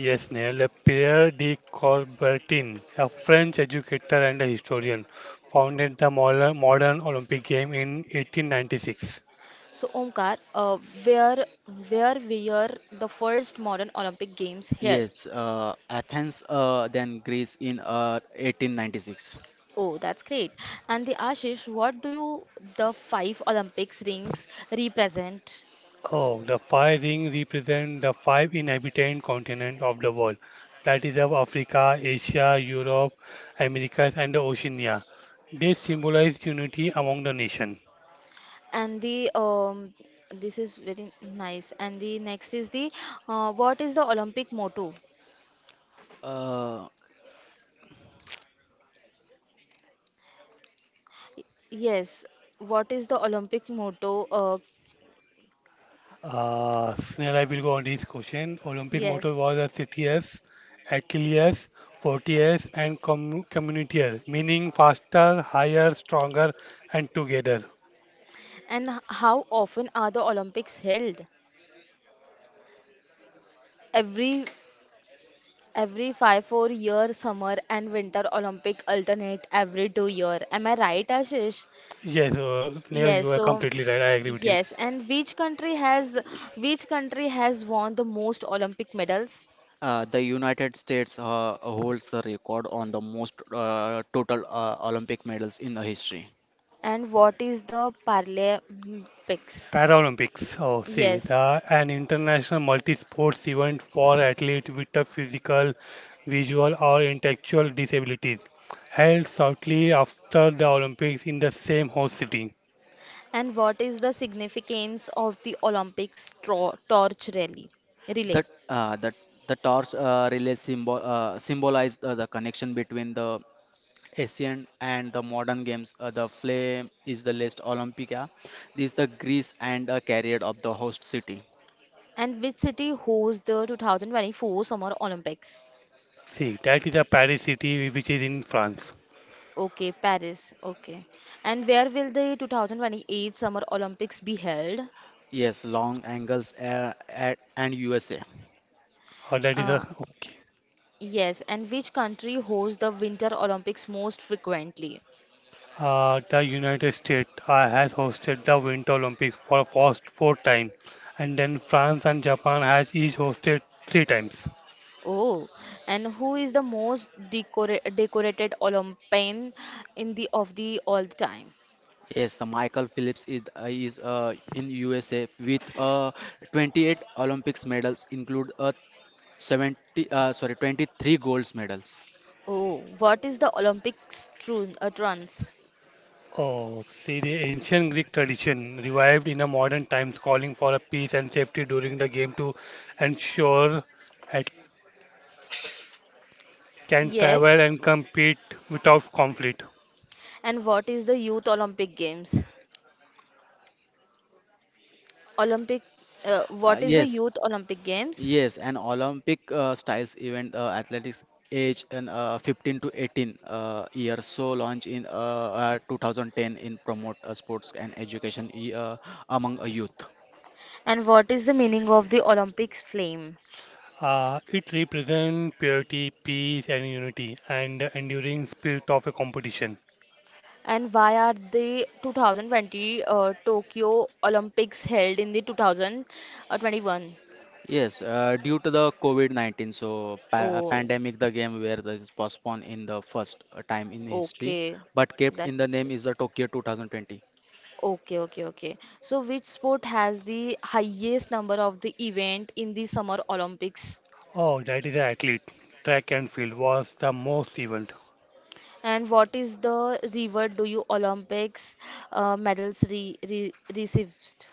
Yes, Neil, Pierre de Coubertin, a French educator and a historian, founded the modern Olympic game in 1896.
So Omkar, uh, where where were the first modern Olympic games here?
Yes, Athens, then Greece in 1896.
Oh, that's great. And the Ashish, what do you the five Olympics rings represent?
Oh, the five rings represent the five inhabited continents of the world. That is of Africa, Asia, Europe, Americas, and the Oceania. They symbolize unity among the nation.
And the this is very nice. And the next is the what is the olympic motto?
Uh,
Yes, what is the olympic motto?
Snell, I will go on this question. Olympic motto
Yes,
was a CTS, Achilles, Fortius, and com Communitius, meaning faster, higher, stronger, and together.
and how often are the olympics held every every 5 4 year summer and winter olympic alternate every 2 year? Am I right, Ashish?
Yes, Snell,
Yes,
you are
so
completely right. I agree with you.
yes, and which country has, which country has won the most olympic medals?
the United States holds the record on the most total Olympic medals in the history.
And what is the Paralympics?
Paralympics, oh, see,
Yes.
the, an international multi-sports event for athletes with a physical, visual, or intellectual disabilities, held shortly after the Olympics in the same host city.
And what is the significance of the Olympics torch rally relay?
That the torch relay symbol symbolized the connection between the ancient and the modern games. The flame is the last Olympica. This is the Greece and carrier of the host city.
And which city hosts the 2024 Summer Olympics?
See, that is a Paris city, which is in France.
Okay, Paris. Okay. And where will the 2028 Summer Olympics be held?
Yes, long angles at, and USA.
Uh, that is a,
Uh, yes. And which country hosts the Winter Olympics most frequently?
the United States has hosted the Winter Olympics for first four times, and then France and Japan has each hosted three times.
Oh, and who is the most decorated Olympian in the of the all the time?
Yes, the Michael Phillips is in USA with 28 Olympics medals, include 70 sorry, 23 gold medals.
Oh, what is the Olympics trun trance?
Oh, see, the ancient Greek tradition revived in a modern times, calling for a peace and safety during the game to ensure athletes can travel
Yes,
and compete without conflict.
and what is the Youth Olympic Games? Olympic,
Uh,
what is the
yes,
Youth Olympic Games?
Yes, an Olympic styles event athletics age and 15 to 18 years so launched in 2010 in promote sports and education among a youth.
And what is the meaning of the Olympics flame?
It represents purity, peace, and unity, and the enduring spirit of a competition.
And why are the 2020 Tokyo Olympics held in the 2021?
Yes, due to the COVID-19 so
Oh,
pandemic the game where this is postponed in the first time in history,
okay.
but kept
That
in the
is.
name
It.
is the Tokyo 2020.
Okay, okay, okay. So, which sport has the highest number of the event in the Summer Olympics?
Oh, that is an athlete. Track and field was the most event.
And what is the reward do you Olympics medals re re received?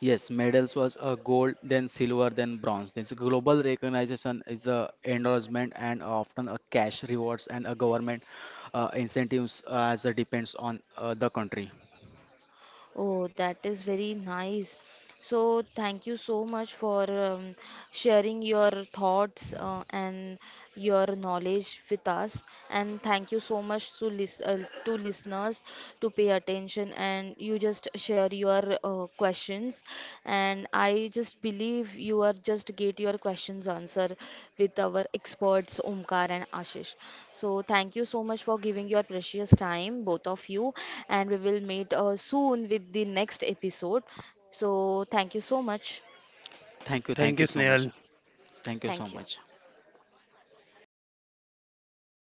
Yes, medals was gold, then silver, then bronze. This global recognition is a endorsement and often a cash rewards and a government incentives as it depends on the country.
Oh, that is very nice. So, thank you so much for sharing your thoughts and your knowledge with us. And thank you so much to listeners to pay attention and you just share your questions. And I just believe you are just get your questions answered with our experts Omkar and Ashish. So thank you so much for giving your precious time, both of you. And we will meet soon with the next episode. So thank you so much.
Thank
Thank
you
you,
so much.
Snail.
Thank you so
Thank you.
much.